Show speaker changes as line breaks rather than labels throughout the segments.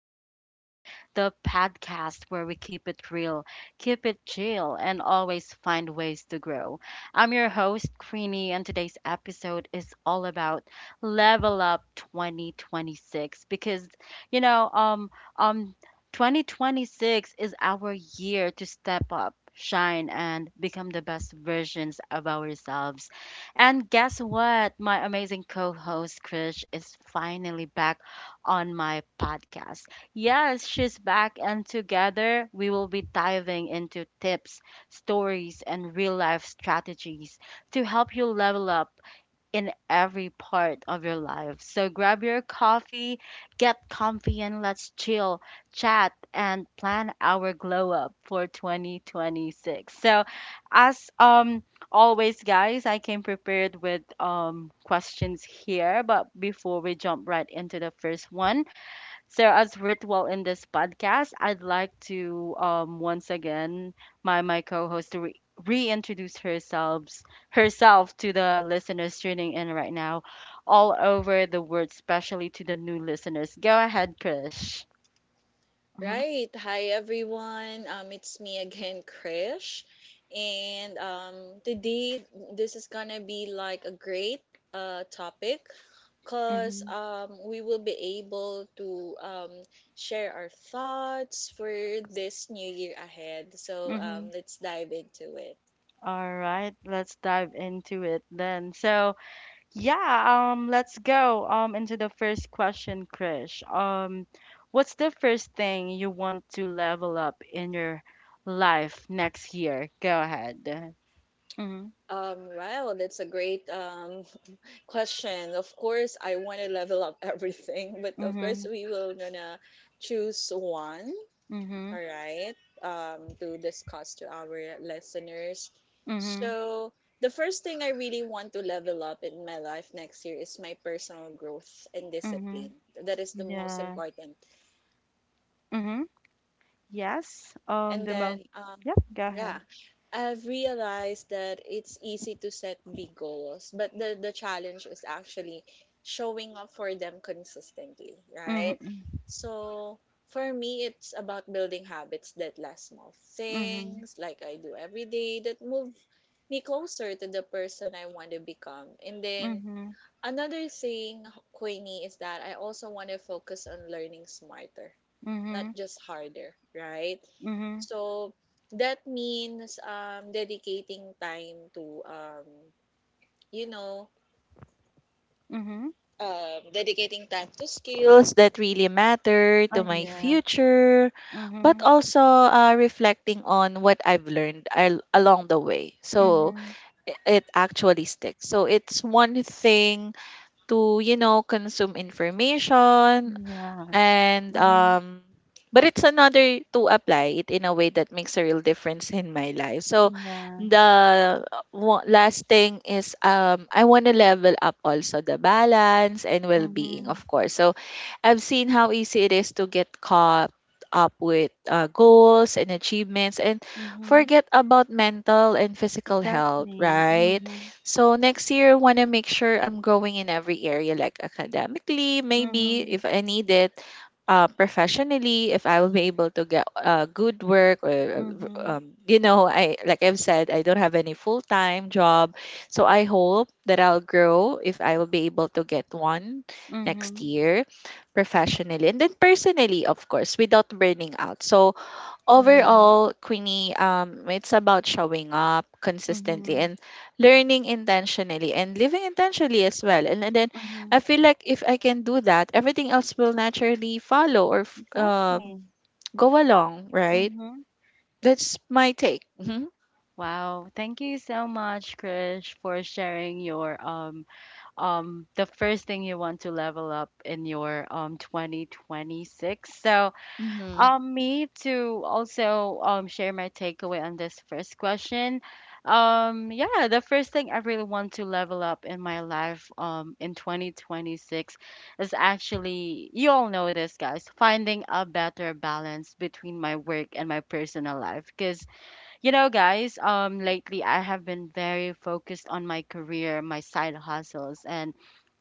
with Queenie, the podcast where we keep it real, keep it chill, and always find ways to grow. I'm your host, Queenie, and today's episode is all about Level Up 2026 because, you know, um, um, 2026 is our year to step up, shine, and become the best versions of ourselves. And guess what? My amazing co host, Krish, is finally back on my podcast. Yes, she's back, and together we will be diving into tips, stories, and real life strategies to help you level up in every part of your life. So grab your coffee, get comfy, and let's chill, chat, and plan our glow up for 2026. So, as always, guys, I came prepared with questions here, but before we jump right into the first one, so as ritual in this podcast, I'd like to once again my co-host to reintroduce herself to the listeners tuning in right now, all over the world, especially to the new listeners. Go ahead, Krish. Mm-hmm, mm-hmm, hmm. All right, let's dive into it then. So yeah, let's go into the first question, Krish. What's the first thing you want to level up in your life next year? Go ahead. Mhm. Mhm. Mhm. Mhm. Mhm. Yeah. Mhm. Yes. The most. Yep. Go ahead. Mhm. Mhm. Mhm. Mhm. Mhm. Mhm. Oh yeah. Mhm. Mhm. Yeah. Mhm. Yeah. Mhm. Mhm. Exactly. Mhm. Mhm. Mhm. Mhm. Yeah. Mhm. Mhm. Exactly. Mhm. Wow. Thank you so much, Krish, for sharing your the first thing you want to level up in your 2026. So me to also share my takeaway on this first question. yeah, the first thing I really want to level up in my life in 2026 is actually, you all know this guys, finding a better balance between my work and my personal life. Because you know, guys, lately I have been very focused on my career, my side hustles, and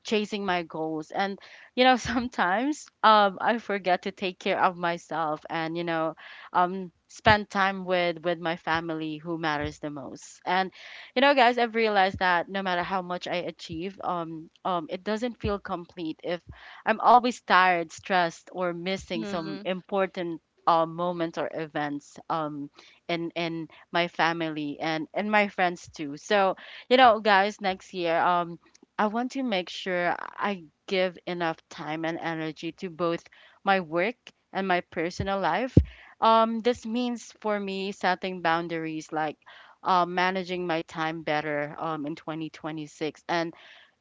chasing my goals. And, you know, sometimes I forget to take care of myself and, you know, spend time with my family who matters the most. And, you know, guys, I've realized that no matter how much I achieve, it doesn't feel complete if I'm always tired, stressed, or missing some important moments or events in my family and my friends too. So, you know, guys, next year I want to make sure I give enough time and energy to both my work and my personal life. This means for me setting boundaries, like managing my time better in 2026, and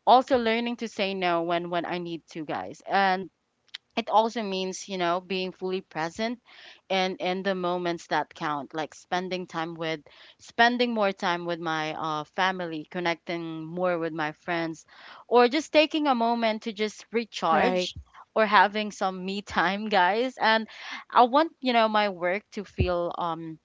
also learning to say no when I need to, guys. And it also means, you know, being fully present and in the moments that count, like spending more time with my family, connecting more with my friends, or just taking a moment to just recharge or having some me time guys. And I want, you know, my work to feel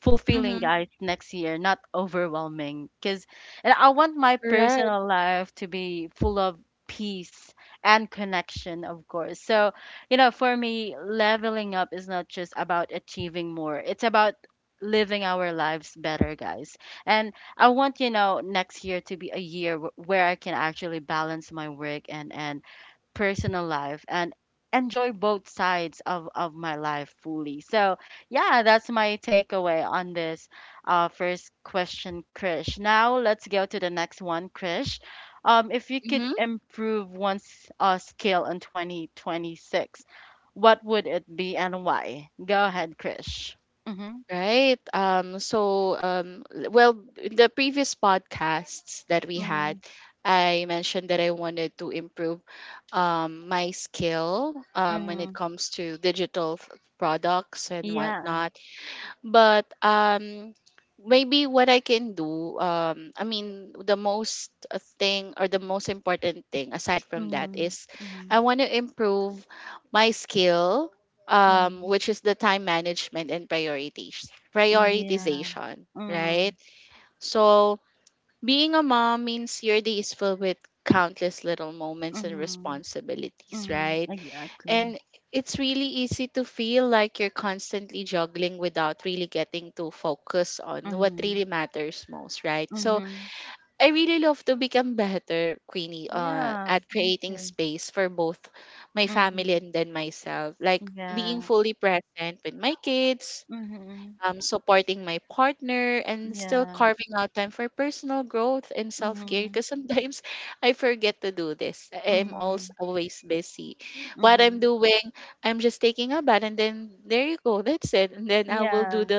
fulfilling, guys, next year, not overwhelming. Because and I want my personal life to be full of peace and connection, of course. So you know, for me, leveling up is not just about achieving more, it's about living our lives better, guys. And I want, you know, next year to be a year where I can actually balance my work and personal life and enjoy both sides of my life fully. So, yeah, that's my takeaway on this first question, Krish. Now, let's go to the next one, Krish. If you could improve one's skill in 2026, what would it be and why? Go ahead, Krish. Mm-hmm, mm-hmm, mm-hmm. Yeah. Mm-hmm, mm-hmm, mm-hmm. Yeah. Mm-hmm, mm-hmm. Mhm, exactly. Mhm, mhm. Yeah, me too. Mhm. Yeah. Mhm. Yeah. Mhm. Mhm. Mhm. Yeah.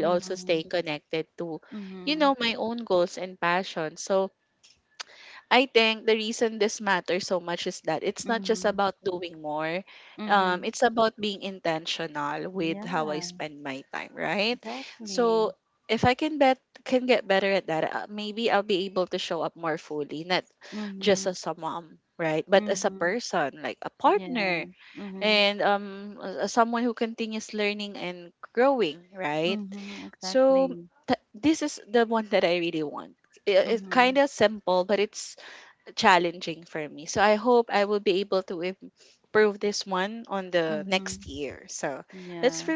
Mhm. Mhm. Mhm. Mhm. Yeah, exactly. Mhm. Mhm. Yeah. Mhm. Mhm. Exactly. Mhm. Mhm. Yeah.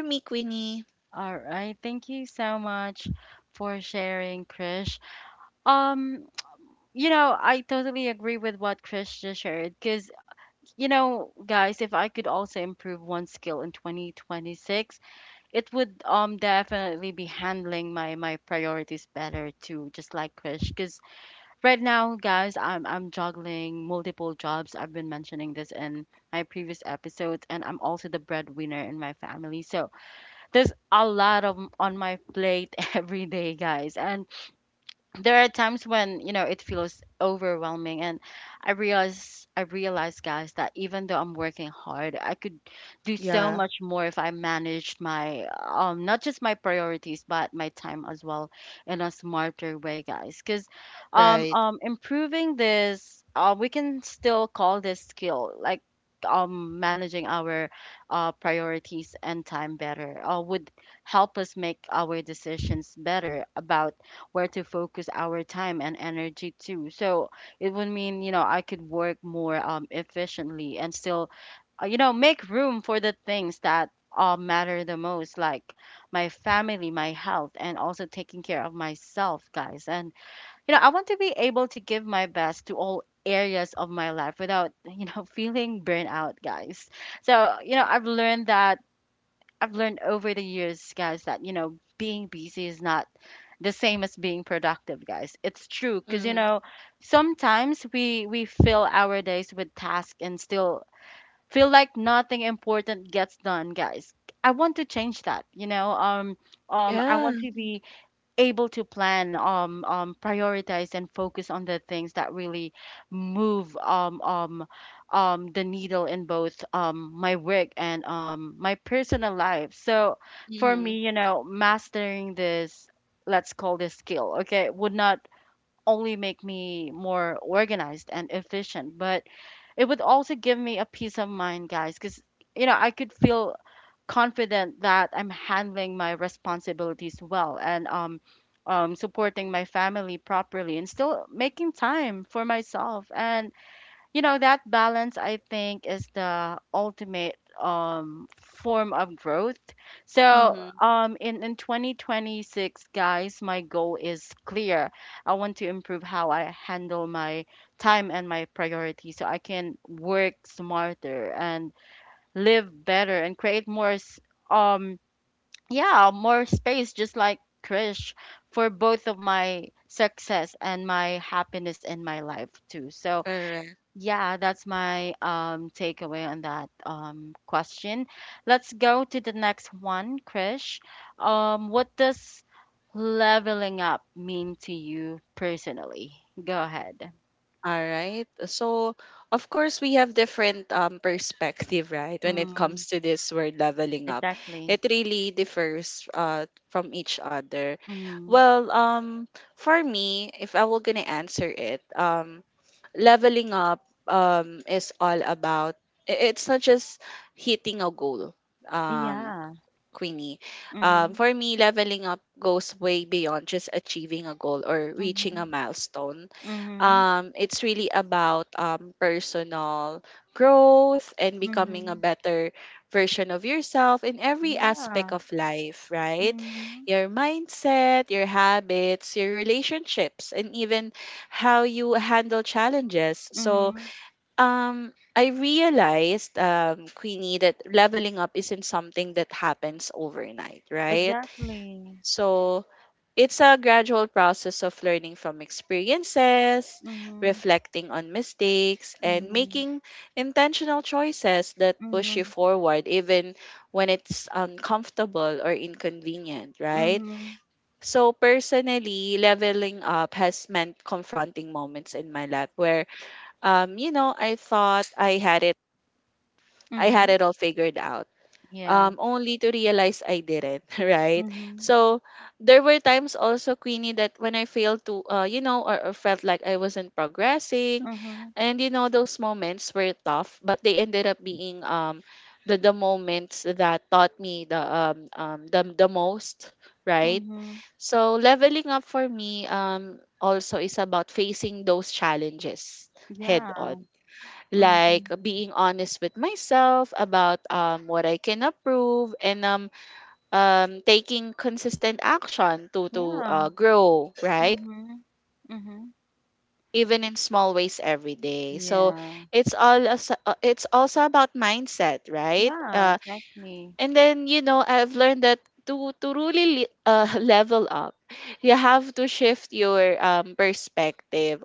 All right. Thank you so much for sharing, Krish. Um, You know, I totally agree with what Chris just shared. Because, you know, guys, if I could also improve one skill in 2026, it would definitely be handling my priorities better too, just like Chris. Because right now, guys, I'm juggling multiple jobs. I've been mentioning this in my previous episodes, and I'm also the breadwinner in my family. So there's a lot of on my plate every day, guys, and there are times when, you know, it feels overwhelming. And I realize, guys, that even though I'm working hard, I could do so much more if I managed my not just my priorities but my time as well in a smarter way, guys. Because improving this, we can still call this skill, like managing our priorities and time better, would help us make our decisions better about where to focus our time and energy to. So it would mean, you know, I could work more efficiently and still, you know, make room for the things that matter the most, like my family, my health, and also taking care of myself, guys. And, you know, I want to be able to give my best to all areas of my life without, you know, feeling burnout, guys. So, you know, I've learned over the years, guys, that, you know, being busy is not the same as being productive, guys. It's true, because you know, sometimes we fill our days with tasks and still feel like nothing important gets done, guys. I want to change that, you know. I want to be able to plan, prioritize, and focus on the things that really move the needle in both my work and my personal life. So for me, you know, mastering this, let's call this skill, okay, would not only make me more organized and efficient, but it would also give me a peace of mind, guys, because you know I could feel confident that I'm handling my responsibilities well and supporting my family properly and still making time for myself. And, you know, that balance, I think, is the ultimate form of growth. So, in 2026, guys, my goal is clear. I want to improve how I handle my time and my priorities so I can work smarter and live better and create more um yeah, more space, just like Krish, for both of my success and my happiness in my life too. So yeah, that's my takeaway on that question. Let's go to the next one, Krish. What does leveling up mean to you personally? Go ahead. Mm, exactly. Mm, yeah. Mm-hmm, mm-hmm. Mm-hmm. Mhm. Yeah. Mhm. Mhm. Exactly. Mhm. Mhm. Mhm. Mhm. Mhm. Yeah. Mhm. Mhm. Mhm. Yeah. Mhm. Yeah. Mhm. Mhm. Yeah. Yeah. Exactly.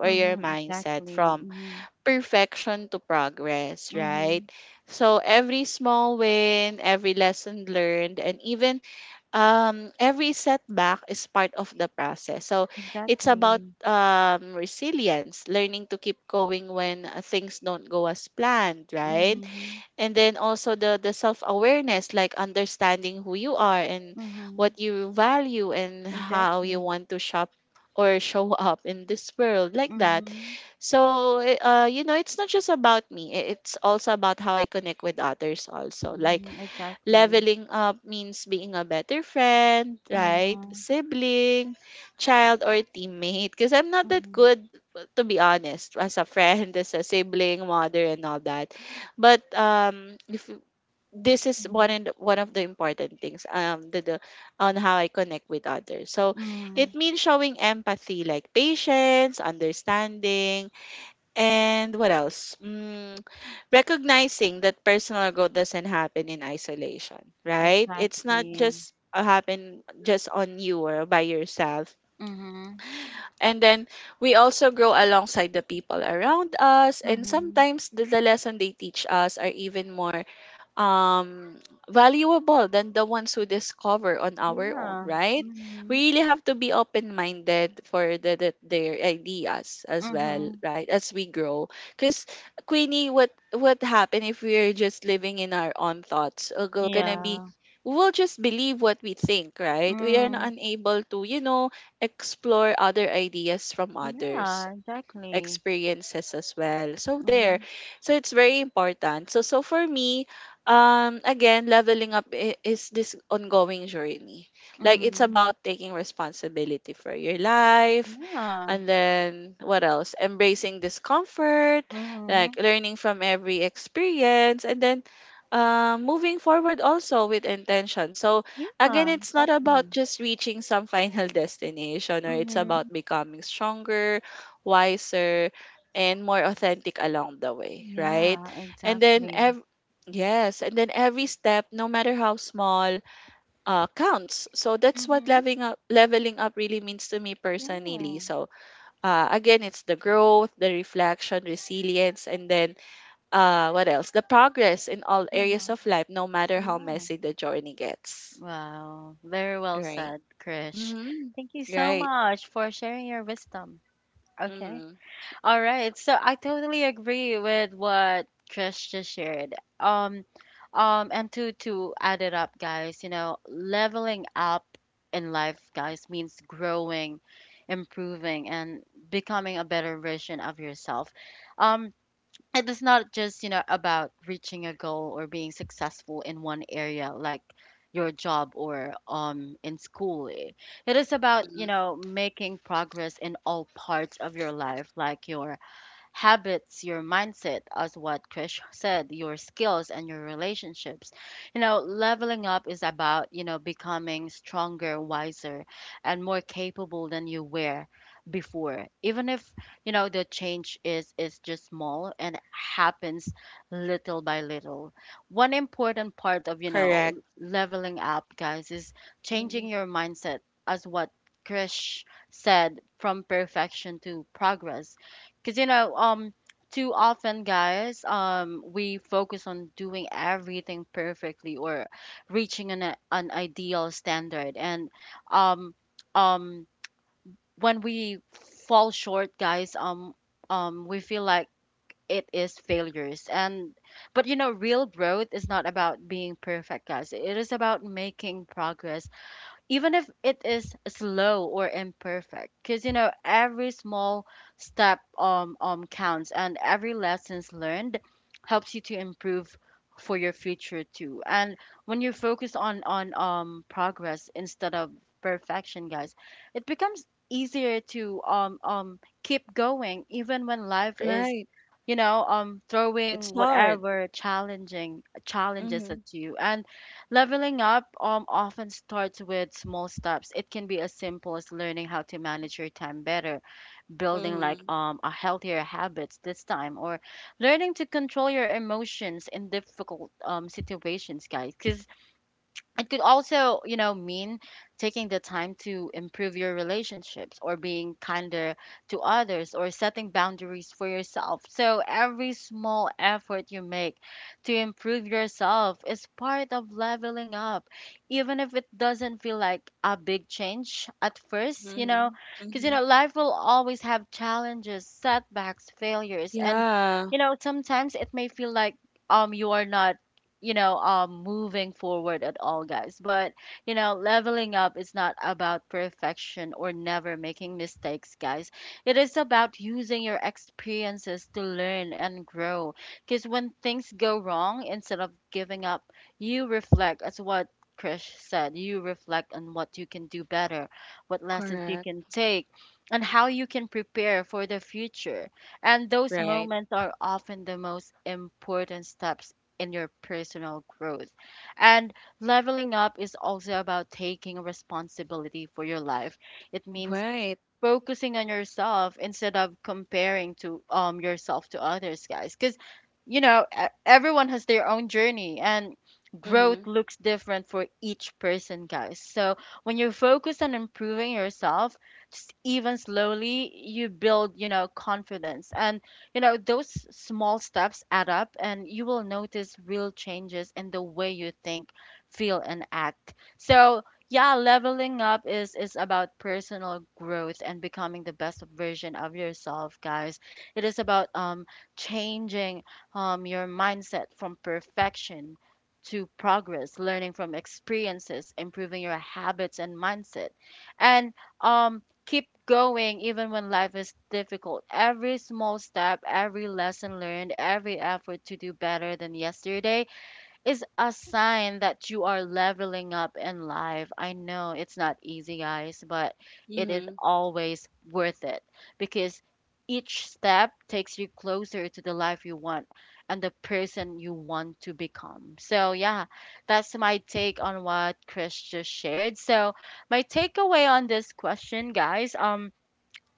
Mhm. Exactly. Mhm. Mhm. Exactly. Mhm. Mhm. Exactly. Mhm. Mhm. Exactly. Mhm. Mhm. Mhm. Mm. Exactly. Mhm. Mhm. Yeah. Mhm. Mhm. Yeah. Mm. Yeah, exactly. Mhm. Mhm. Yeah. Mhm. Yeah, exactly. Mhm. Yeah, exactly. Mhm. Yeah. Mhm. Yeah. Wow. Very well said, Krish. Thank you so much for sharing your wisdom. Okay. All right, so I totally agree with what Trish just shared. And to add it up, guys, you know, leveling up in life, guys, means growing, improving, and becoming a better version of yourself. Um, it is not just, you know, about reaching a goal or being successful in one area, like your job or in school. It is about, you know, making progress in all parts of your life, like your habits, your mindset, as what Krish said, your skills and your relationships. You know, leveling up is about, you know, becoming stronger, wiser, and more capable than you were before. Even if, you know, the change is just small and happens little by little. One important part of, you know, leveling up, guys, is changing your mindset, as what Krish said, from perfection to progress. Because you know, too often, guys, we focus on doing everything perfectly or reaching an ideal standard, and um, um, when we fall short, guys, we feel like it is failures. And but you know, real growth is not about being perfect, guys, it is about making progress even if it is slow or imperfect. Because you know, every small step counts, and every lessons learned helps you to improve for your future too. And when you focus on progress instead of perfection, guys, it becomes easier to keep going even when life is, you know, throwing whatever challenging challenges at you. And leveling up often starts with small steps. It can be as simple as learning how to manage your time better, building a healthier habits this time, or learning to control your emotions in difficult situations, guys. Because it could also mean taking the time to improve your relationships or being kinder to others or setting boundaries for yourself, so every small effort you make to improve yourself is part of leveling up, even if it doesn't feel like a big change at first. Because you know, life will always have challenges, setbacks, failures, and you know, sometimes it may feel like you are not moving forward at all, guys. But you know, leveling up is not about perfection or never making mistakes, guys. It is about using your experiences to learn and grow. Because when things go wrong, instead of giving up, you reflect as what Krish said. You reflect on what you can do better, what lessons you can take, and how you can prepare for the future. And those moments are often the most important steps in your personal growth. And leveling up is also about taking responsibility for your life. It means focusing on yourself instead of comparing to yourself to others, guys, because you know, everyone has their own journey and growth looks different for each person, guys. So when you focus on improving yourself, just even slowly, you build, you know, confidence, and you know, those small steps add up and you will notice real changes in the way you think, feel, and act. So yeah, leveling up is about personal growth and becoming the best version of yourself, guys. It is about changing your mindset from perfection to progress, learning from experiences, improving your habits and mindset, and keep going even when life is difficult. Every small step, every lesson learned, every effort to do better than yesterday is a sign that you are leveling up in life. I know it's not easy, guys, but it is always worth it, because each step takes you closer to the life you want and the person you want to become. So yeah, that's my take on what Chris just shared. So my takeaway on this question, guys,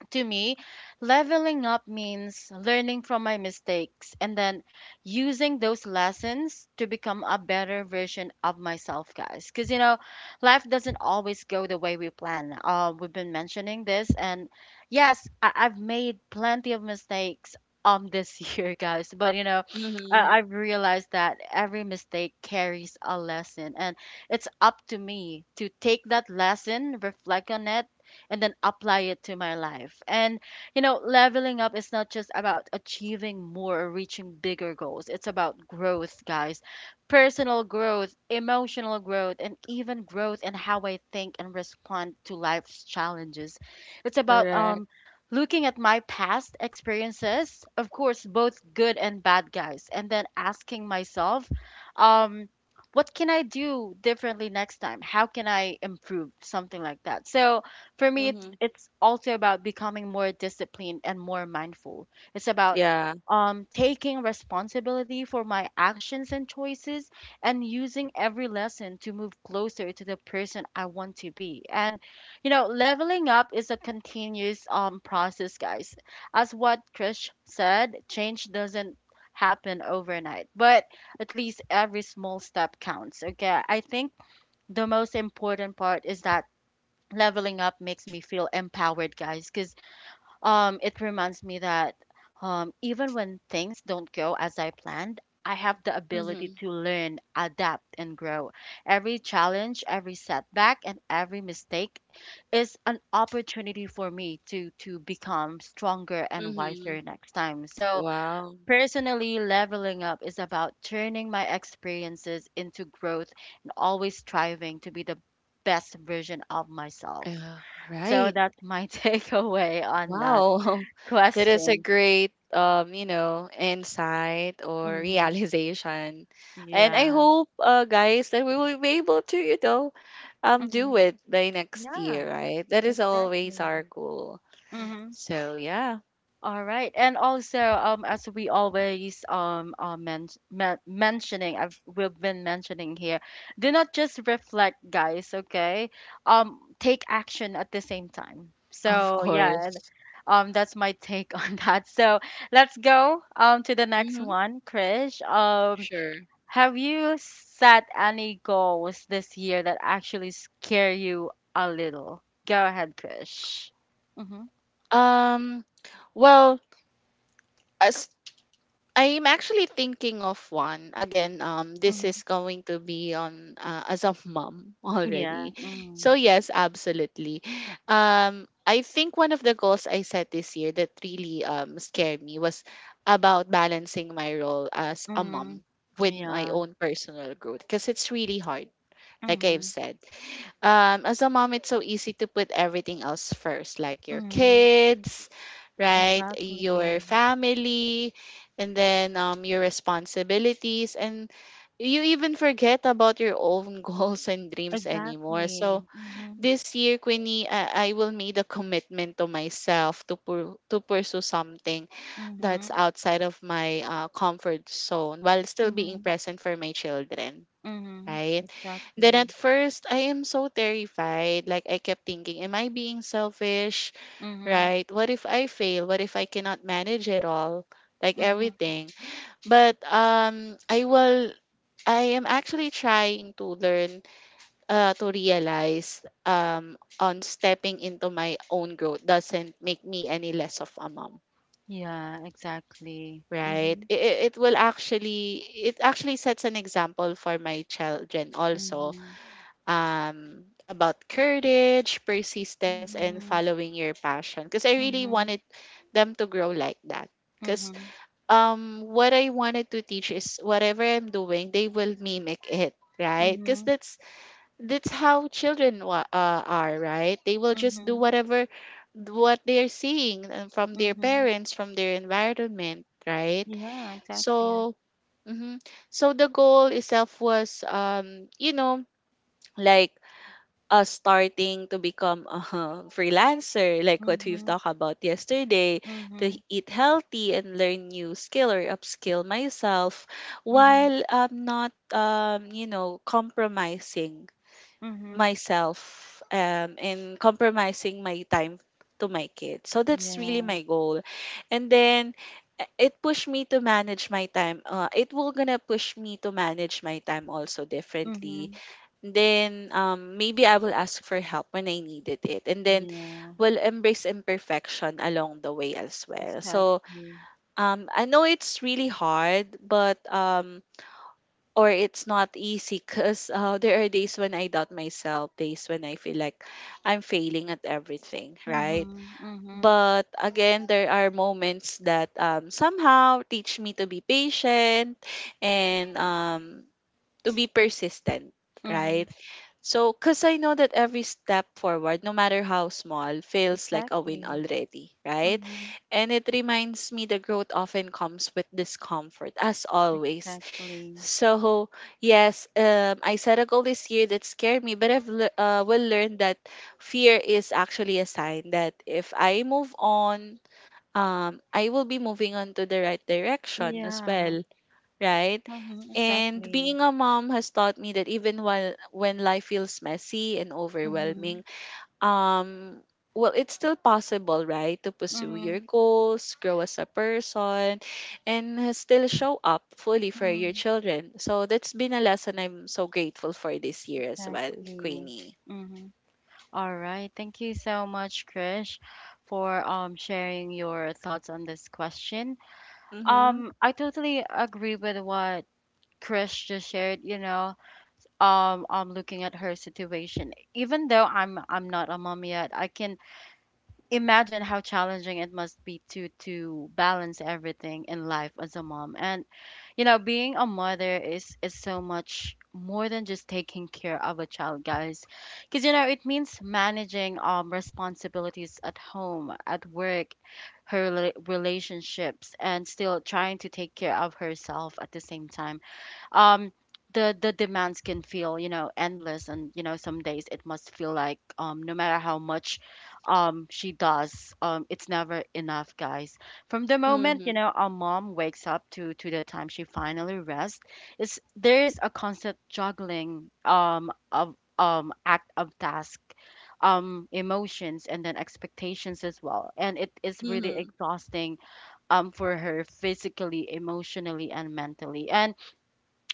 to me, leveling up means learning from my mistakes and then using those lessons to become a better version of myself, guys. Because, you know, life doesn't always go the way we plan. We've been mentioning this, and yes, I've made plenty of mistakes. This year, guys, but you know, I've realized that every mistake carries a lesson, and it's up to me to take that lesson, reflect on it, and then apply it to my life. And, you know, leveling up is not just about achieving more or reaching bigger goals. It's about growth, guys. Personal growth, emotional growth, and even growth in how I think and respond to life's challenges. It's about, looking at my past experiences, of course, both good and bad, guys, and then asking myself, um what can I do differently next time? How can I improve something like that? So for me, it's also about becoming more disciplined and more mindful. It's about taking responsibility for my actions and choices and using every lesson to move closer to the person I want to be. And, you know, leveling up is a continuous process, guys. As what Krish said, change doesn't happen overnight, but at least every small step counts. Okay, I think the most important part is that leveling up makes me feel empowered, guys, because it reminds me that even when things don't go as I planned, I have the ability to learn, adapt, and grow. Every challenge, every setback, and every mistake is an opportunity for me to become stronger and wiser next time. So personally, leveling up is about turning my experiences into growth and always striving to be the best version of myself. So that's my takeaway on that question. Hmm. Yeah. Hmm. Yeah, exactly. Mm-hmm. All right. And also, as we always are men men mentioning, we've been mentioning here, do not just reflect, guys, okay? Take action at the same time. So yeah, that's my take on that. So let's go to the next one, Krish. Have you set any goals this year that actually scare you a little? Go ahead, Krish. Mm-hmm. Mm-hmm. Yeah. Mm-hmm. Mm-hmm. Yeah. Mm-hmm. Mm-hmm. Exactly. Exactly. Mm-hmm. Mm-hmm. Mm-hmm. Mm-hmm. Exactly. Mm-hmm. Mm-hmm. Yeah, exactly. Mm-hmm. Mm-hmm. Mm-hmm. Mm-hmm. Mm-hmm. Mm-hmm. Mm-hmm. Mm-hmm. Yeah, exactly. Mhm. Mhm. Mhm. Mhm. Yeah. Mhm. Yeah. Exactly. Mhm. Mhm. Mhm. Exactly. Mhm. Exactly. Yeah. Mhm. Exactly. Mhm. Mhm. Mhm. Exactly. Mhm. All right. Thank you so much, Krish, for sharing your thoughts on this question. I totally agree with what Chris just shared, you know, looking at her situation. Even though I'm not a mom yet, I can imagine how challenging it must be to balance everything in life as a mom. And you know, being a mother is so much more than just taking care of a child, guys. Because you know, it means managing responsibilities at home, at work, her relationships, and still trying to take care of herself at the same time. Um, the demands can feel, you know, endless, and you know, some days it must feel like no matter how much she does, it's never enough, guys. From the moment, you know, our mom wakes up to the time she finally rests, it's there is a constant juggling of act of task, emotions, and then expectations as well, and it is really exhausting, for her physically, emotionally, and mentally. And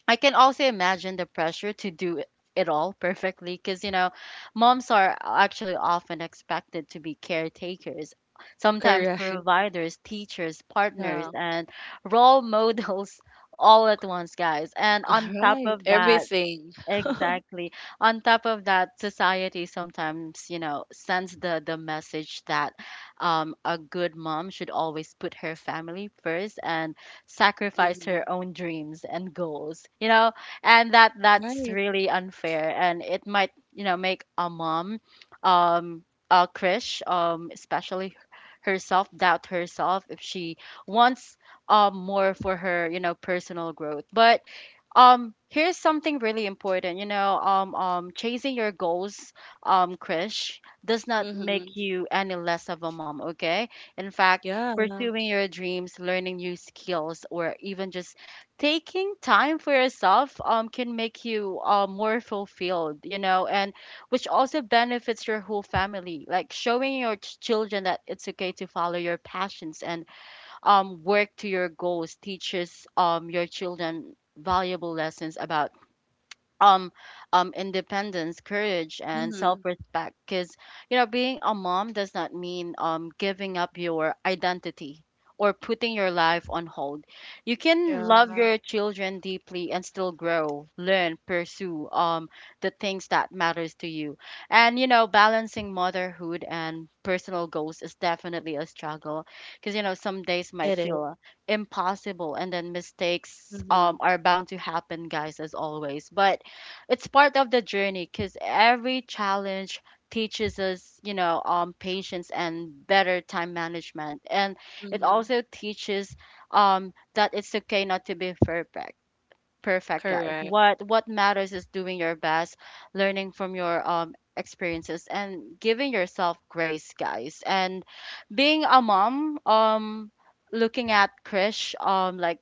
I can also imagine the pressure to do it all perfectly because, you know, moms are actually often expected to be caretakers, sometimes providers, teachers, partners, and role models all at once, guys. And on top of that, exactly. On top of that, society sometimes, you know, sends the message that a good mom should always put her family first and sacrifice her own dreams and goals, you know, and that that's really unfair, and it might, you know, make a mom, um, Krish, especially herself, doubt herself if she wants more for her, you know, personal growth. But here's something really important. You know, chasing your goals, Krish, does not make you any less of a mom. Okay. In fact, pursuing your dreams, learning new skills, or even just taking time for yourself, can make you more fulfilled. You know, and which also benefits your whole family. Like showing your children that it's okay to follow your passions and work to your goals teaches, your children valuable lessons about um independence, courage, and self-respect. Because you know, being a mom does not mean giving up your identity or putting your life on hold. You can love your children deeply and still grow, learn, pursue the things that matters to you. And you know, balancing motherhood and personal goals is definitely a struggle, because you know, some days might feel impossible, and then mistakes are bound to happen, guys, as always. But it's part of the journey, because every challenge teaches us, you know, patience and better time management, and it also teaches that it's okay not to be perfect, guys. What matters is doing your best, learning from your experiences, and giving yourself grace, guys. And being a mom, looking at Krish, like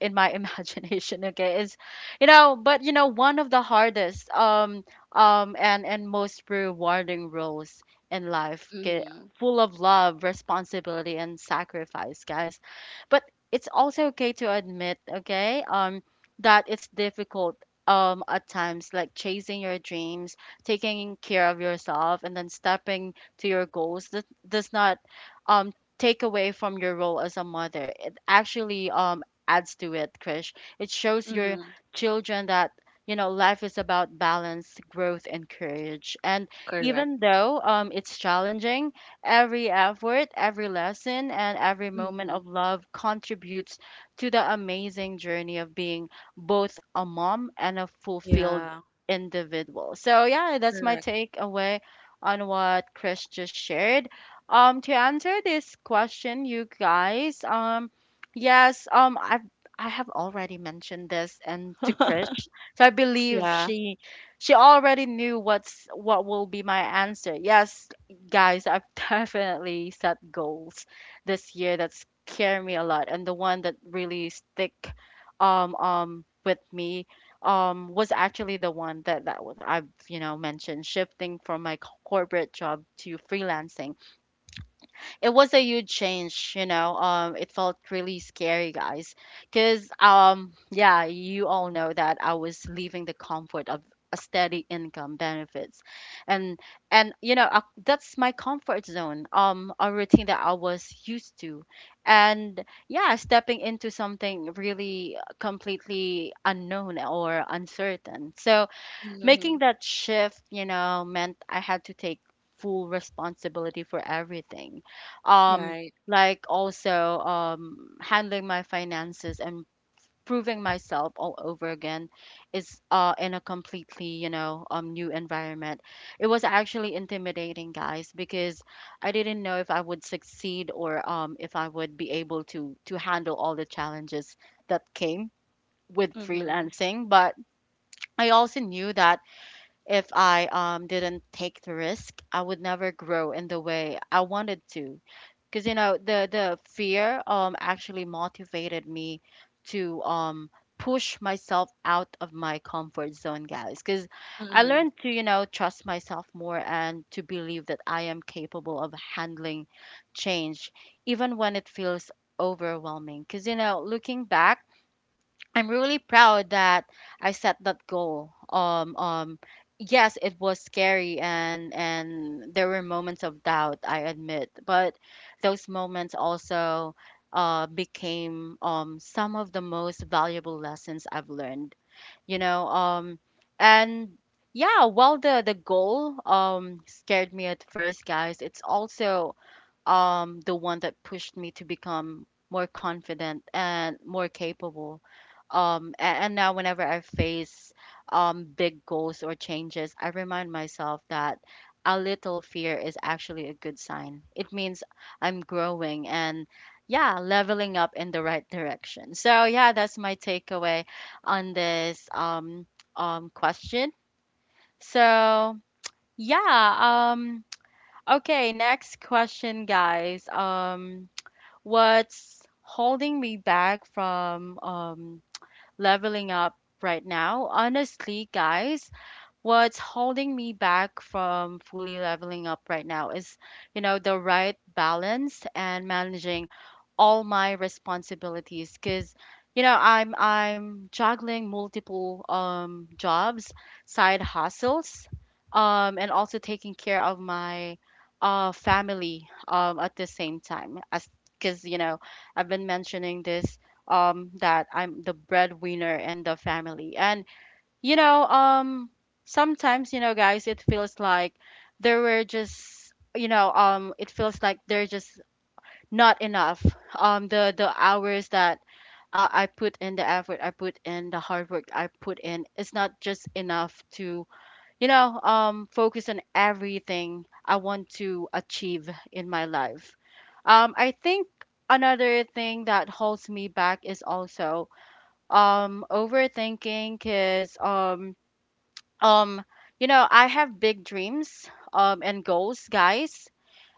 in my imagination, okay, is, you know, but you know, one of the hardest and most rewarding roles in life, okay, full of love, responsibility, and sacrifice, guys. But it's also okay to admit, okay, that it's difficult at times. Like chasing your dreams, taking care of yourself, and then stepping to your goals, that does not um take away from your role as a mother. It actually adds to it, Krish. It shows your children that, you know, life is about balance, growth, and courage. And even though it's challenging, every effort, every lesson, and every moment of love contributes to the amazing journey of being both a mom and a fulfilled individual. So yeah, that's my takeaway on what Chris just shared. To answer this question, you guys, yes, I have already mentioned this and to Krish. So I believe she already knew what's what will be my answer. Yes, guys, I've definitely set goals this year that scare me a lot, and the one that really stick with me was actually the one that that was I've mentioned, shifting from my corporate job to freelancing. It was a huge change, you know. It felt really scary, guys, because yeah, you all know that I was leaving the comfort of a steady income, benefits, and that's my comfort zone, a routine that I was used to, and yeah, stepping into something really completely unknown or uncertain. So making that shift, you know, meant I had to take full responsibility for everything. Um, like also, handling my finances and proving myself all over again is in a completely, new environment. It was actually intimidating, guys, because I didn't know if I would succeed, or if I would be able to handle all the challenges that came with freelancing. But I also knew that if I didn't take the risk, I would never grow in the way I wanted to. Because you know, the fear actually motivated me to push myself out of my comfort zone, guys. Because I learned to, you know, trust myself more and to believe that I am capable of handling change, even when it feels overwhelming. Because you know, looking back, I'm really proud that I set that goal. Yes, it was scary, and there were moments of doubt, I admit, but those moments also became some of the most valuable lessons I've learned. You know, um, and yeah, while the goal scared me at first, guys, it's also the one that pushed me to become more confident and more capable. And now, whenever I face big goals or changes, I remind myself that a little fear is actually a good sign. It means I'm growing and, yeah, leveling up in the right direction. So yeah, that's my takeaway on this question. So yeah, okay, next question, guys. What's holding me back from leveling up right now? Honestly, guys, what's holding me back from fully leveling up right now is, you know, the right balance and managing all my responsibilities. Because you know, I'm juggling multiple jobs, side hustles, and also taking care of my family at the same time. As because you know, I've been mentioning this, that I'm the breadwinner in the family, and you know, um, sometimes, you know, guys, it feels like there were just, it feels like they're just not enough. The hours that I put in, the effort I put in, the hard work I put in, it's not just enough to, focus on everything I want to achieve in my life. I think another thing that holds me back is also overthinking, cause um you know, I have big dreams and goals, guys,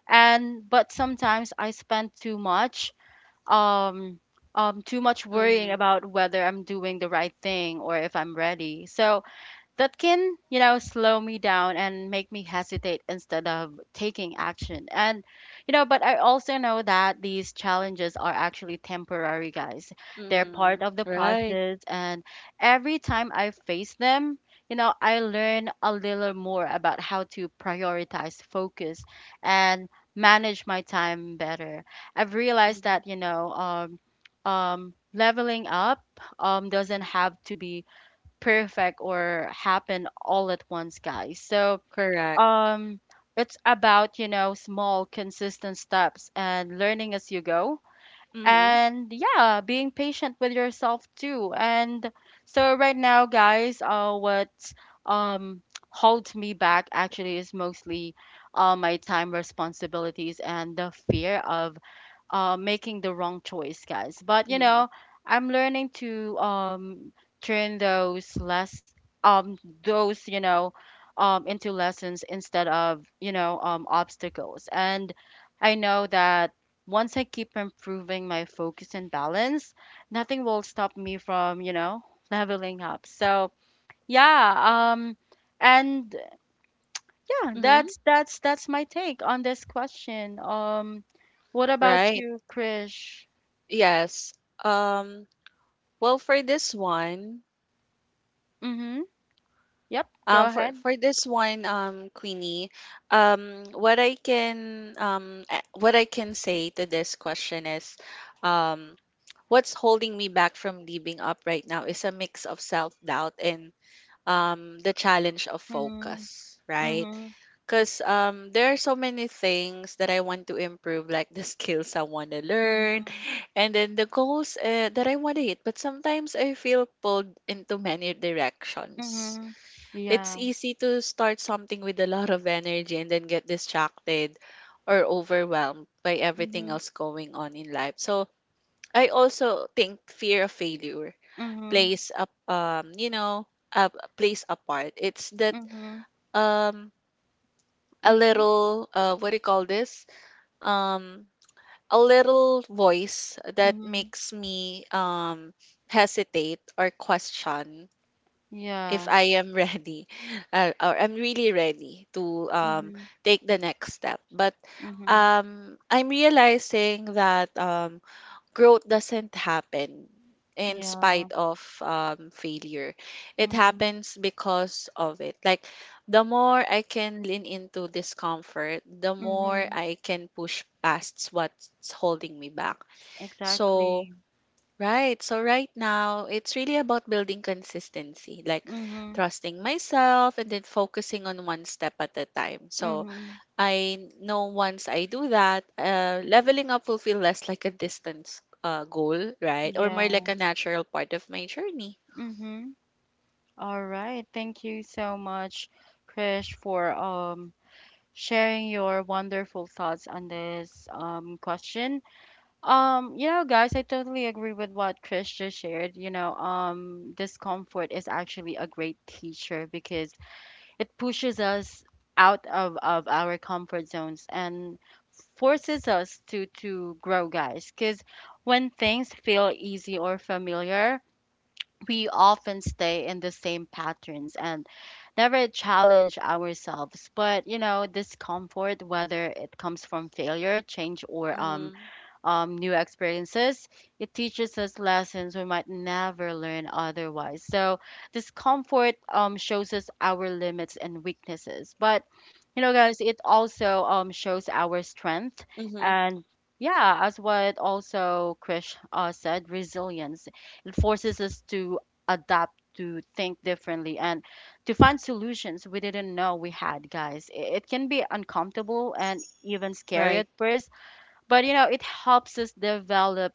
and but sometimes I spend too much, um too much worrying about whether I'm doing the right thing or if I'm ready. So that can, you know, slow me down and make me hesitate instead of taking action. And, you know, but I also know that these challenges are actually temporary, guys. They're part of the process. And every time I face them, you know, I learn a little more about how to prioritize, focus, and manage my time better. I've realized that, leveling up doesn't have to be perfect or happen all at once, guys. So, um, it's about, you know, small, consistent steps and learning as you go. And yeah, being patient with yourself too. And so, right now, guys, what um, holds me back actually is mostly my time, responsibilities, and the fear of making the wrong choice, guys. But you know, I'm learning to turn those less, um those, into lessons instead of, obstacles. And I know that once I keep improving my focus and balance, nothing will stop me from, you know, leveling up. So yeah, and yeah, that's my take on this question. What about you, Krish? Mhm. Yep, go ahead. Mhm. Mhm. Mhm. Mhm. Yeah. Mhm. Mhm. Mhm. Mhm. Mhm. Yeah. Mhm. Mhm. Yeah. Mhm. Mhm. Exactly. Mhm. Mhm. Yeah. Mhm. All right. Thank you so much, Krish, for sharing your wonderful thoughts on this question. Yeah, guys, I totally agree with what Chris just shared. You know, discomfort is actually a great teacher because it pushes us out of our comfort zones and forces us to grow, guys. Because when things feel easy or familiar, we often stay in the same patterns and never challenge ourselves. But you know, discomfort, whether it comes from failure, change, or new experiences. It teaches us lessons we might never learn otherwise. So discomfort shows us our limits and weaknesses. But you know, guys, it also shows our strength and yeah, as what also Krish said, resilience. It forces us to adapt, to think differently, and to find solutions we didn't know we had, guys. It can be uncomfortable and even scary at first, but you know, it helps us develop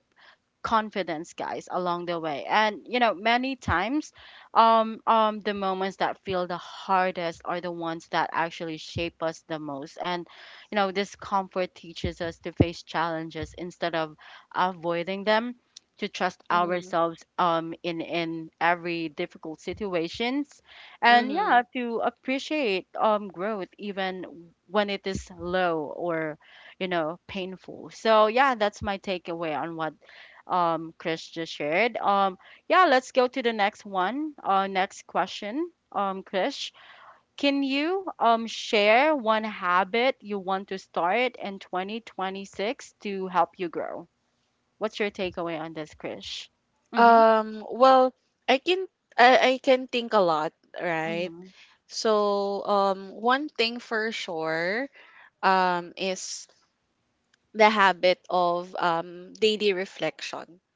confidence, guys, along the way. And you know, many times, the moments that feel the hardest are the ones that actually shape us the most. And you know, discomfort teaches us to face challenges instead of avoiding them, to trust ourselves in, every difficult situations, and yeah, to appreciate growth even when it is low or, you know, painful. So yeah, that's my takeaway on what Chris just shared. Yeah, let's go to the next one. Next question, Chris. Can you share one habit you want to start in 2026 to help you grow? What's your takeaway on this, Chris? Mm-hmm. Mm-hmm.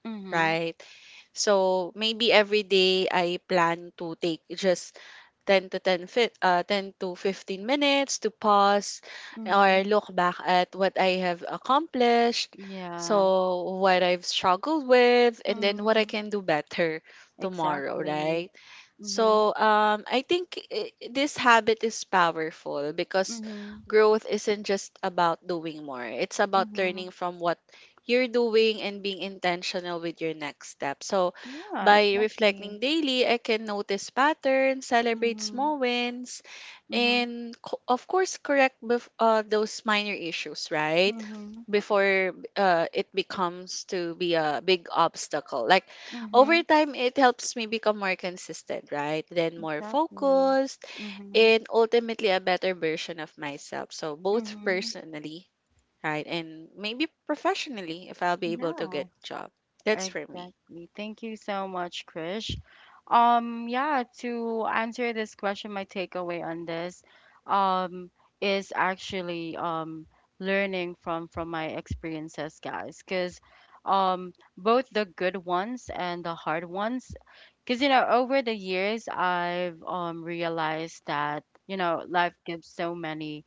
Mm-hmm. Mm-hmm. Yeah. Mm-hmm. Exactly. Mm-hmm. Mm-hmm. Mm-hmm. Yeah, exactly. Mm-hmm. Mm-hmm. Mm-hmm. Mm-hmm. Exactly. Mm-hmm. Mm-hmm. Yeah, exactly. Thank you so much, Krish. Yeah, to answer this question, my takeaway on this, um, is actually learning from my experiences, guys, because both the good ones and the hard ones. Because you know, over the years, I've realized that, you know, life gives so many,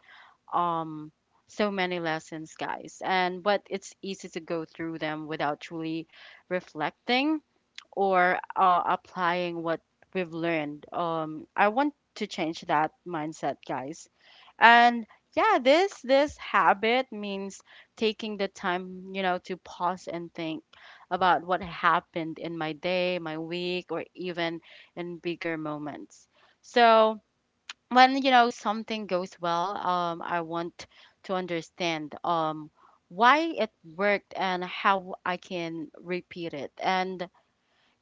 um so many lessons, guys, and but it's easy to go through them without truly reflecting or applying what we've learned. I want to change that mindset, guys. And yeah, this habit means taking the time, you know, to pause and think about what happened in my day, my week, or even in bigger moments. So when, you know, something goes well, I want to understand why it worked and how I can repeat it. And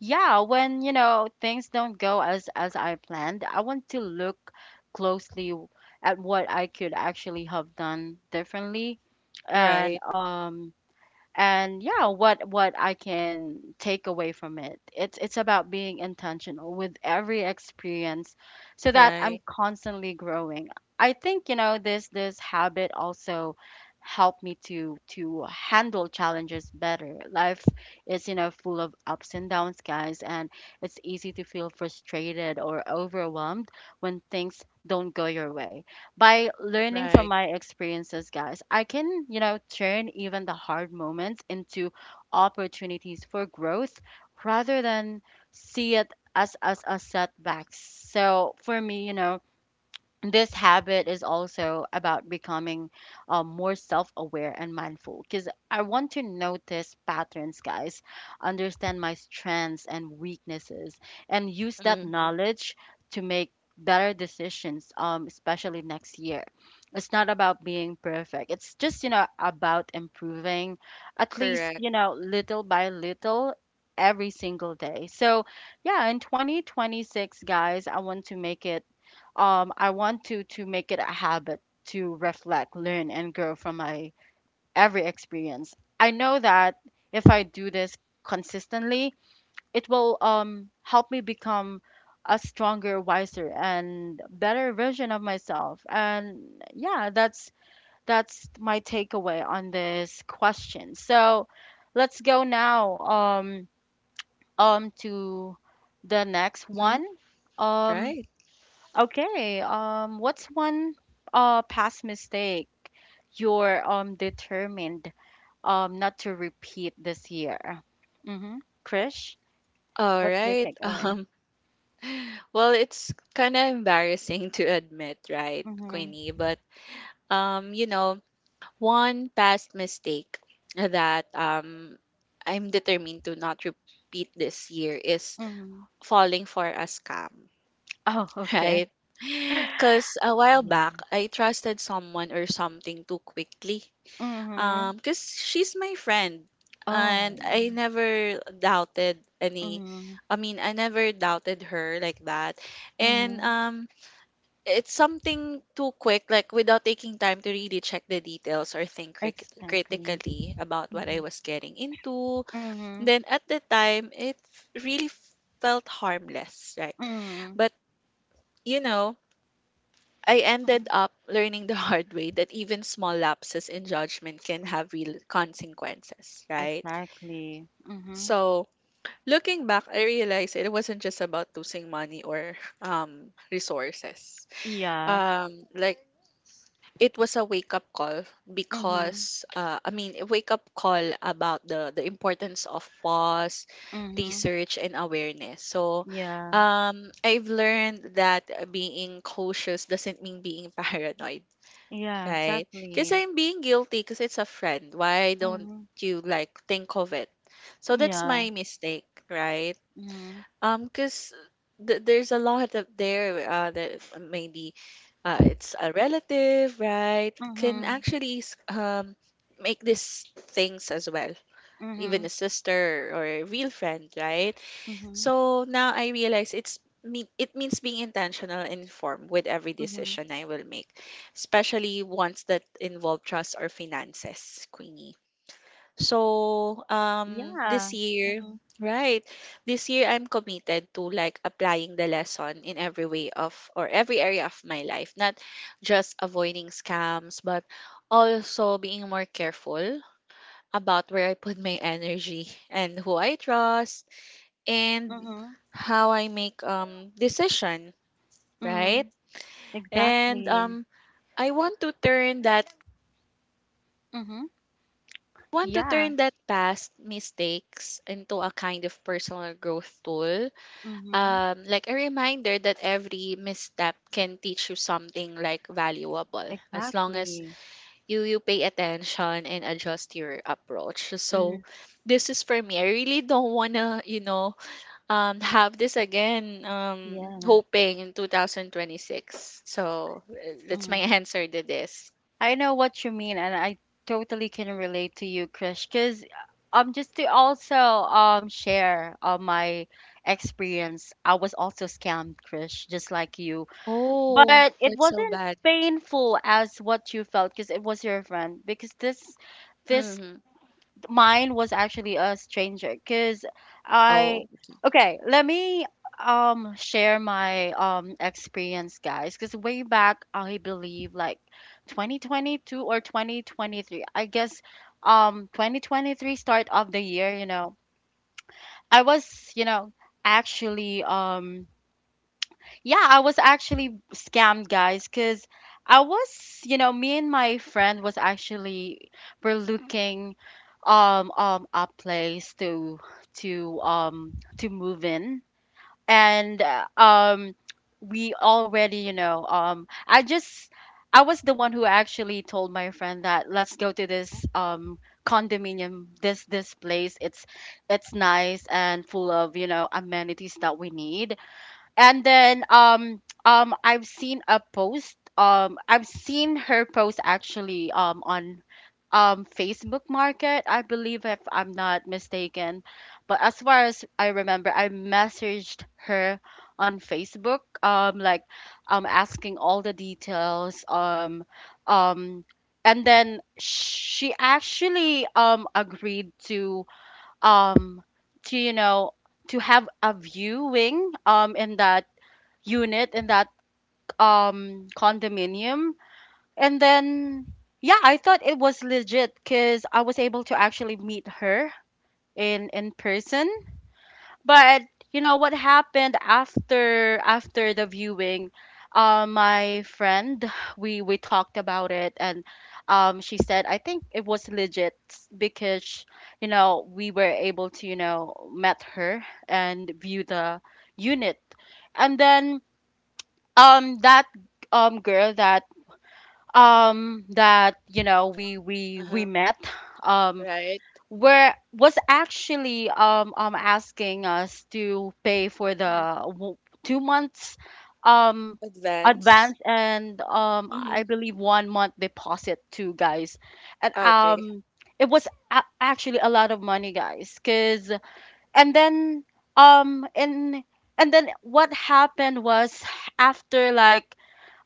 yeah, when you know, things don't go as I planned, I want to look closely at what I could actually have done differently. And
Right,
um and yeah, what I can take away from it, it's about being intentional with every experience, so that I'm
right,
constantly growing. I think, you know, this habit also helped me to handle challenges better. Life is, you know, full of ups and downs, guys, and it's easy to feel frustrated or overwhelmed when things don't go your way. By learning from
right.
my experiences, guys, I can, you know, turn even the hard moments into opportunities for growth rather than see it as a setback. So for me, you know, this habit is also about becoming more self-aware and mindful, because I want to notice patterns, guys, understand my strengths and weaknesses, and use that
hmm
knowledge to make better decisions, especially next year. It's not about being perfect, it's just, you know, about improving, at least, you
Correct.
know, little by little, every single day. So yeah, in 2026, guys, I want to make it, I want to make it a habit to reflect, learn, and grow from my every experience. I know that if I do this consistently, it will help me become a stronger, wiser, and better version of myself. And yeah, that's my takeaway on this question. So let's go now, to the next
hmm
one. Um,
Right.
Okay. What's one past mistake you're determined not to repeat this year? Mm-hmm. Krish,
All
what's your
right.
takeaway?
Um, well, it's kind of embarrassing to admit, right,
Mm-hmm.
Queenie? But you know, one past mistake that I'm determined to not repeat this year is
Mm-hmm.
falling for a scam,
Oh, okay.
right? Because a while back,
Yeah.
I trusted someone or something too quickly.
Mm-hmm.
'Cause she's my friend and
Oh. Mm-hmm.
I never doubted her like that. And
Mm-hmm.
it's something too quick like without taking time to really check the details or think
Exactly.
critically about what I
Mm-hmm.
was getting into.
Mm-hmm.
Then at the time, it really felt harmless, right?
Mm-hmm.
But you know, I ended
Mm-hmm.
up learning the hard way that even small lapses in judgment can have real consequences, right?
Exactly. Mm-hmm.
So, looking back, I realized it wasn't just about losing money or resources.
Yeah.
Like, it was a wake up call
Mm-hmm.
because a wake up call about the importance of pause,
Mm-hmm.
research, and awareness. So,
Yeah.
I've learned that being cautious doesn't mean being paranoid.
Yeah,
Right. Because
exactly.
I'm being guilty because it's a friend. Why don't
Mm-hmm.
you like think of it? So that's
Yeah.
my mistake, right?
Mhm.
Because th there's a lot up there that maybe it's a relative, right? Can
Mhm.
actually make these things as well, even
Mhm.
a sister or a real friend, right?
Mhm.
So now I realize it means being intentional and informed with every
Mhm.
decision I will make, especially ones that involve trust or finances, Queenie. So this
Yeah.
year,
Mhm.
right? This year I'm committed to like applying the lesson in every area of my life, not just avoiding scams, but also being more careful about where I put my energy and who I trust and
Mhm.
how I make decision, right?
Mhm.
And
Exactly.
I want to turn that
Mhm.
want to
Yeah.
turn that past mistakes into a kind of personal growth tool.
Mhm.
Like a reminder that every misstep can teach you something like valuable as long as
Exactly.
you pay attention and adjust your approach. So
Mhm.
this is for me. I really don't wanna, you know, have this again
Yeah.
hoping in 2026, so that's my
Mhm.
answer to this.
I know what you mean, and I totally can relate to you, Krish, because, just to also share my experience, I was also scammed, Krish, just like you.
Oh,
But it
that's so
wasn't
bad.
painful as what you felt because it was your friend. Because this
Mm-hmm.
mine was actually a stranger.
Oh.
I, okay, let me share my experience, guys. Because way back, I believe like 2022 or 2023. I guess 2023 start of the year. You know, I was you know actually Yeah, I was actually scammed, guys, because I was, you know, me and my friend was actually were looking a place to to move in. And we already, you know, I just I was the one who actually told my friend that let's go to this condominium, this place. It's nice and full of, you know, amenities that we need. And then I've seen a post, I've seen her post actually on Facebook Market, I believe, if I'm not mistaken. But as far as I remember, I messaged her on Facebook, asking all the details. Um and then she actually agreed to um to you know to have a viewing in that unit, in that condominium. And then yeah, I thought it was legit because I was able to actually meet her in person. But you know what happened after the viewing? My friend, we talked about it, and she said, I think it was legit because you know we were able to you know met her and view the unit. And then that girl that we
Uh-huh.
met, um
Right.
were was actually asking us to pay for
hmm
2 months um
Advance.
advance, and I
Mm-hmm.
believe 1 month deposit too, guys. And
Ah, okay.
it was actually a lot of money, guys, cuz. And then um and and then what happened was, after like,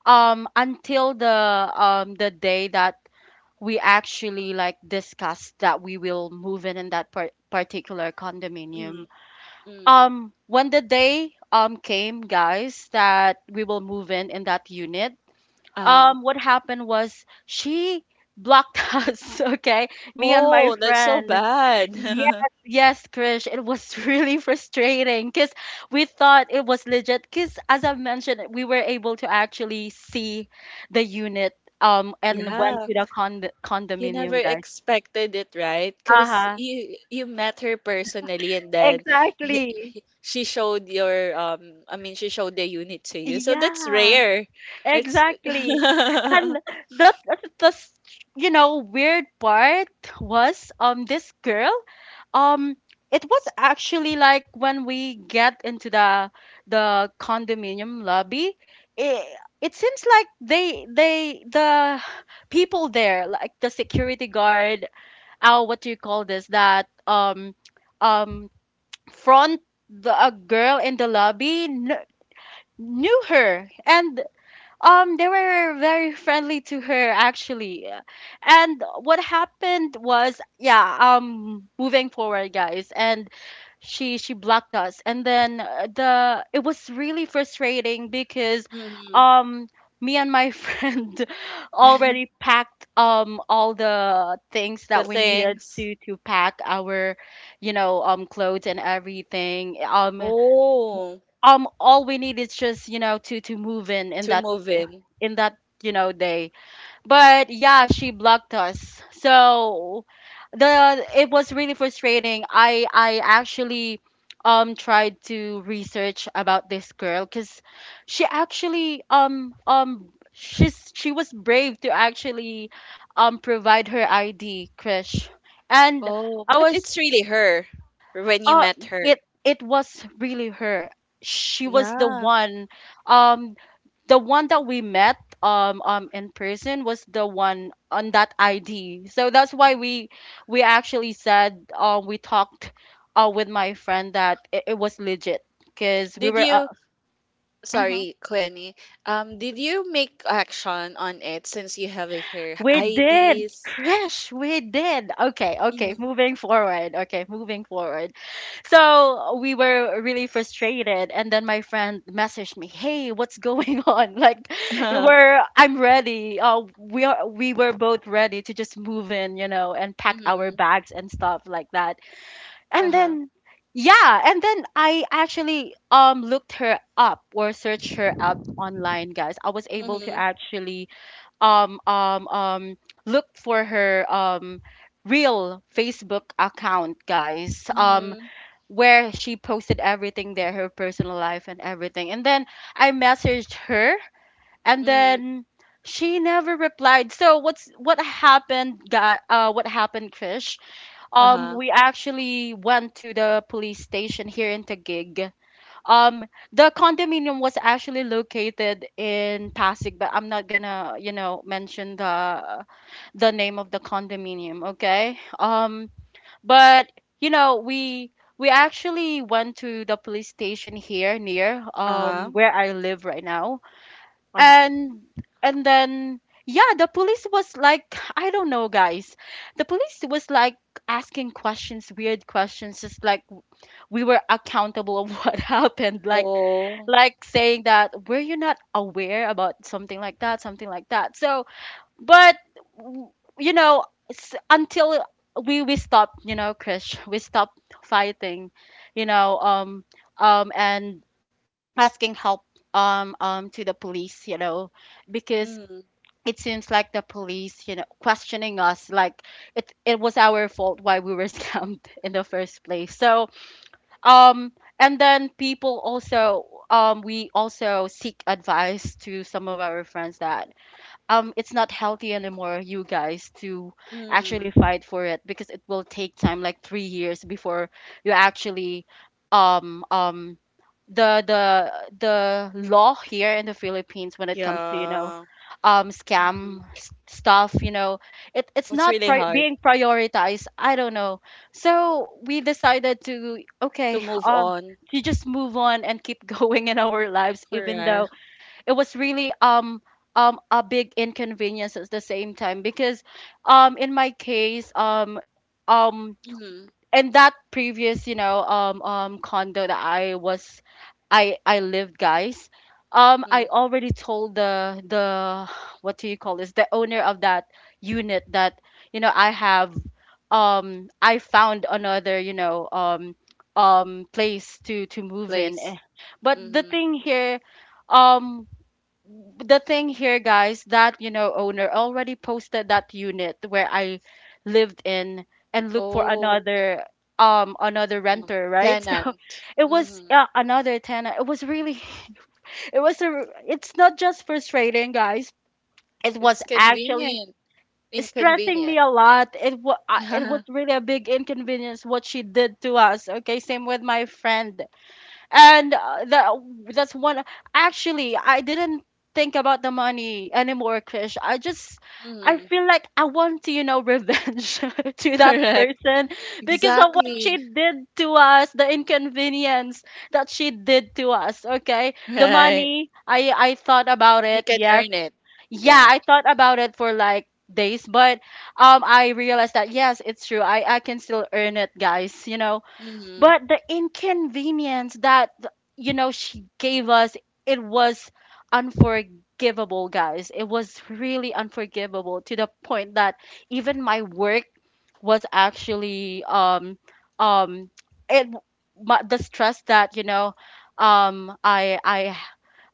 until the day that we actually like discussed that we will move in that particular condominium.
hmm mm,
When the day came, guys, that we will move in that unit,
uh huh.
what happened was she blocked us. Okay, me and my
Oh, that's so
friend.
bad.
Yes, yes, Krish, it was really frustrating because we thought it was legit because as I mentioned, we were able to actually see the unit, and went
Yeah.
to the
You never
condominium, guys.
expected it, right? Because
Uh-huh,
you met her personally and then
exactly.
she showed your she showed the unit to you. So that's
Yeah,
rare. It's
exactly. And the, the, the s- you know, weird part was, this girl, Um, it was actually like when we get into the condominium lobby, it, it seems like the people there, like the security guard, oh, what do you call this? That um front the a girl in the lobby kn knew her, and they were very friendly to her actually. And what happened was, yeah, moving forward, guys, and she blocked us. And then the it was really frustrating because
Mhm.
um me and my friend already packed all the things
The
that we needed
things.
to pack our, you know, clothes and everything.
Oh,
All we need is just, you know, to move
to move in.
in that you know day. But yeah, she blocked us. So the it was really frustrating. I actually tried to research about this girl because she actually she was brave to actually provide her ID, Krish. And
Oh,
I
but
was
it's really her when you
uh
met her.
it it was really her. She was the
Yeah.
one, um the one that we met in person, was the one on that ID. So that's why we actually said, we talked, with my friend that it was legit because we
Did
were
you
mm-hmm.
Sorry, Quenny. Um, did you make action on it since you have a hair
We did,
IDs?
Krish, we did. Okay, okay,
Mm-hmm.
moving forward. Okay, moving forward. So we were really frustrated, and then my friend messaged me, "Hey, what's going on? Like,
Uh-huh.
we're I'm ready. We were both ready to just move in, you know, and pack our
Mm-hmm.
bags and stuff like that." And
Uh-huh.
then, yeah, and then I actually looked her up or searched her up online, guys. I was able to
Mm-hmm.
actually um um um look for her real Facebook account, guys,
Mm-hmm.
where she posted everything there, her personal life and everything. And then I messaged her, and
Mm-hmm.
then she never replied. So what happened, guy? What happened, Krish?
Uh-huh.
We actually went to the police station here in Taguig. um the condominium was actually located in Pasig, but I'm not gonna you know mention the name of the condominium, okay. But You know, we actually went to the police station here near
Uh-huh.
where I live right now.
Uh-huh.
and and then yeah, the police was like, I don't know, guys, the police was like asking questions, weird questions, just like we were accountable of what happened,
Oh.
like saying that were you not aware about something like that, something like that. So but w- you know s- Until we stop, you know, Krish, we stop fighting, you know, and asking help to the police, you know, because
Mm,
it seems like the police, you know, questioning us like it was our fault why we were scammed in the first place. So um, and then people also, we also seek advice to some of our friends that it's not healthy anymore, you guys, to
mm.
actually fight for it, because it will take time, like 3 years, before you actually um um the the the law here in the Philippines when it comes to you know
Yeah. Mm.
scam stuff, you know, it it's
It's
not
really hard
being prioritized, I don't know. So we decided to,
to
okay,
move on.
to just move on and keep going in our lives, even though
Correct.
it was really a big inconvenience at the same time, because in my case, um
Mm,
and that previous, you know, condo that I lived, guys, I
mm.
already told the what do you call this, the owner of that unit that you know I have, I found another, you know, place to move in.
Place.
Eh, but the
Mm-hmm.
thing here, um the thing here, guys, that you know owner already posted that unit where I lived in, and look for
Oh.
another another
Um,
renter, right? So
tenant.
it was,
Mm-hmm.
another tenant. It was really it was a it's not just frustrating, guys. It was
It's
actually
convenient.
stressing me
Inconvenient.
a lot. It was really a big inconvenience what she did to us. Okay, same with my friend. And that's one. Actually I didn't think about the money anymore, Krish, I just
Yeah.
I
Mm-hmm.
feel like I want to you know revenge to that
Correct.
person because of what she
Exactly.
did to us, the inconvenience that she did to us. Okay, the
Right.
money I thought about
You
it,
can
yes.
earn it.
Yeah,
Yeah.
I thought about it for like days. But I realized that yes, it's true, I can still earn it, guys, you know.
Mm-hmm.
But the inconvenience that you know she gave us, it was unforgivable, guys. It was really unforgivable, to the point that even my work was actually um it my, the stress that you know um i i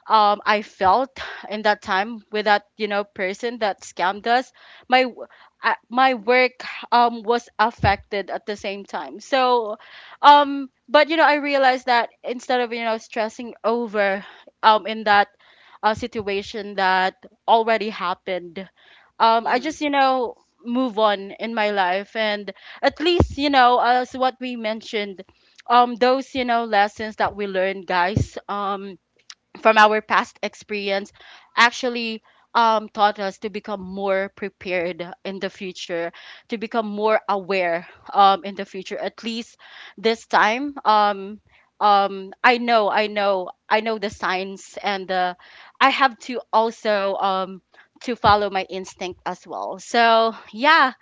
I felt in that time with that you know person that scammed us, my w- my work was affected at the same time. So but you know I realized that instead of you know stressing over in that, situation that already happened, I just you know move on in my life. And at least you know as what we mentioned, those you know lessons that we learned, guys, from our past experience actually taught us to become more prepared in the future, to become more aware in the future. At least this time, I know, I know, I know the signs, and I have to also to follow my instinct as well. So yeah,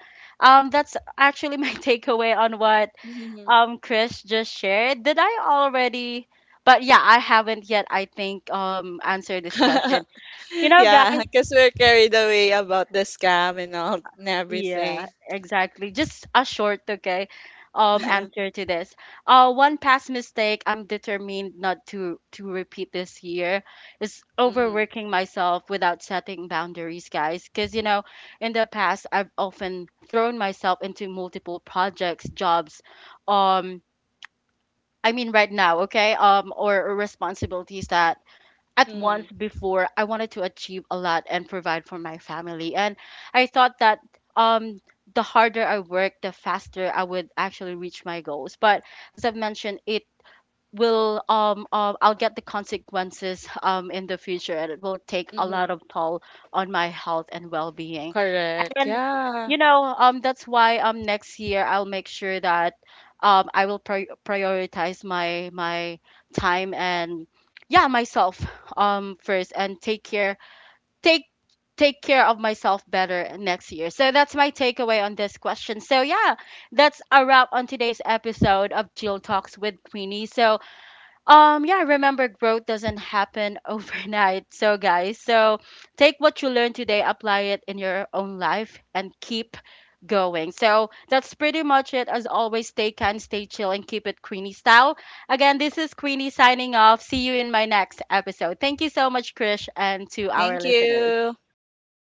that's actually my takeaway on what
Mm-hmm.
Chris just shared. Did I already? But yeah, I haven't yet. I think answered this question. You know,
Yeah,
guys.
because we're carried away about the scam and all and
Yeah,
everything.
exactly. Just a short, okay, answer to this. One past mistake I'm determined not to repeat this year is
Mm-hmm.
overworking myself without setting boundaries, guys. Because you know, in the past, I've often thrown myself into multiple projects, jobs, um I mean right now, okay? Or responsibilities, that at once
Mm-hmm.
before I wanted to achieve a lot and provide for my family. And I thought that um the harder I work, the faster I would actually reach my goals. But as I've mentioned, it will I'll get the consequences in the future, and it will take a
Mm-hmm.
lot of toll on my health and well-being.
Correct.
And
Yeah.
you know, that's why next year I'll make sure that I will prioritize my time and yeah, myself first and take care take take care of myself better next year. So that's my takeaway on this question. So yeah, that's a wrap on today's episode of Jill Talks with Queenie. So yeah, remember growth doesn't happen overnight. So, guys, so take what you learned today, apply it in your own life, and keep going. So, that's pretty much it. As always, stay kind, stay chill, and keep it Queenie style. Again, this is Queenie signing off. See you in my next episode. Thank you so much, Krish, and to our
Thank
listeners.
you. Bye bye.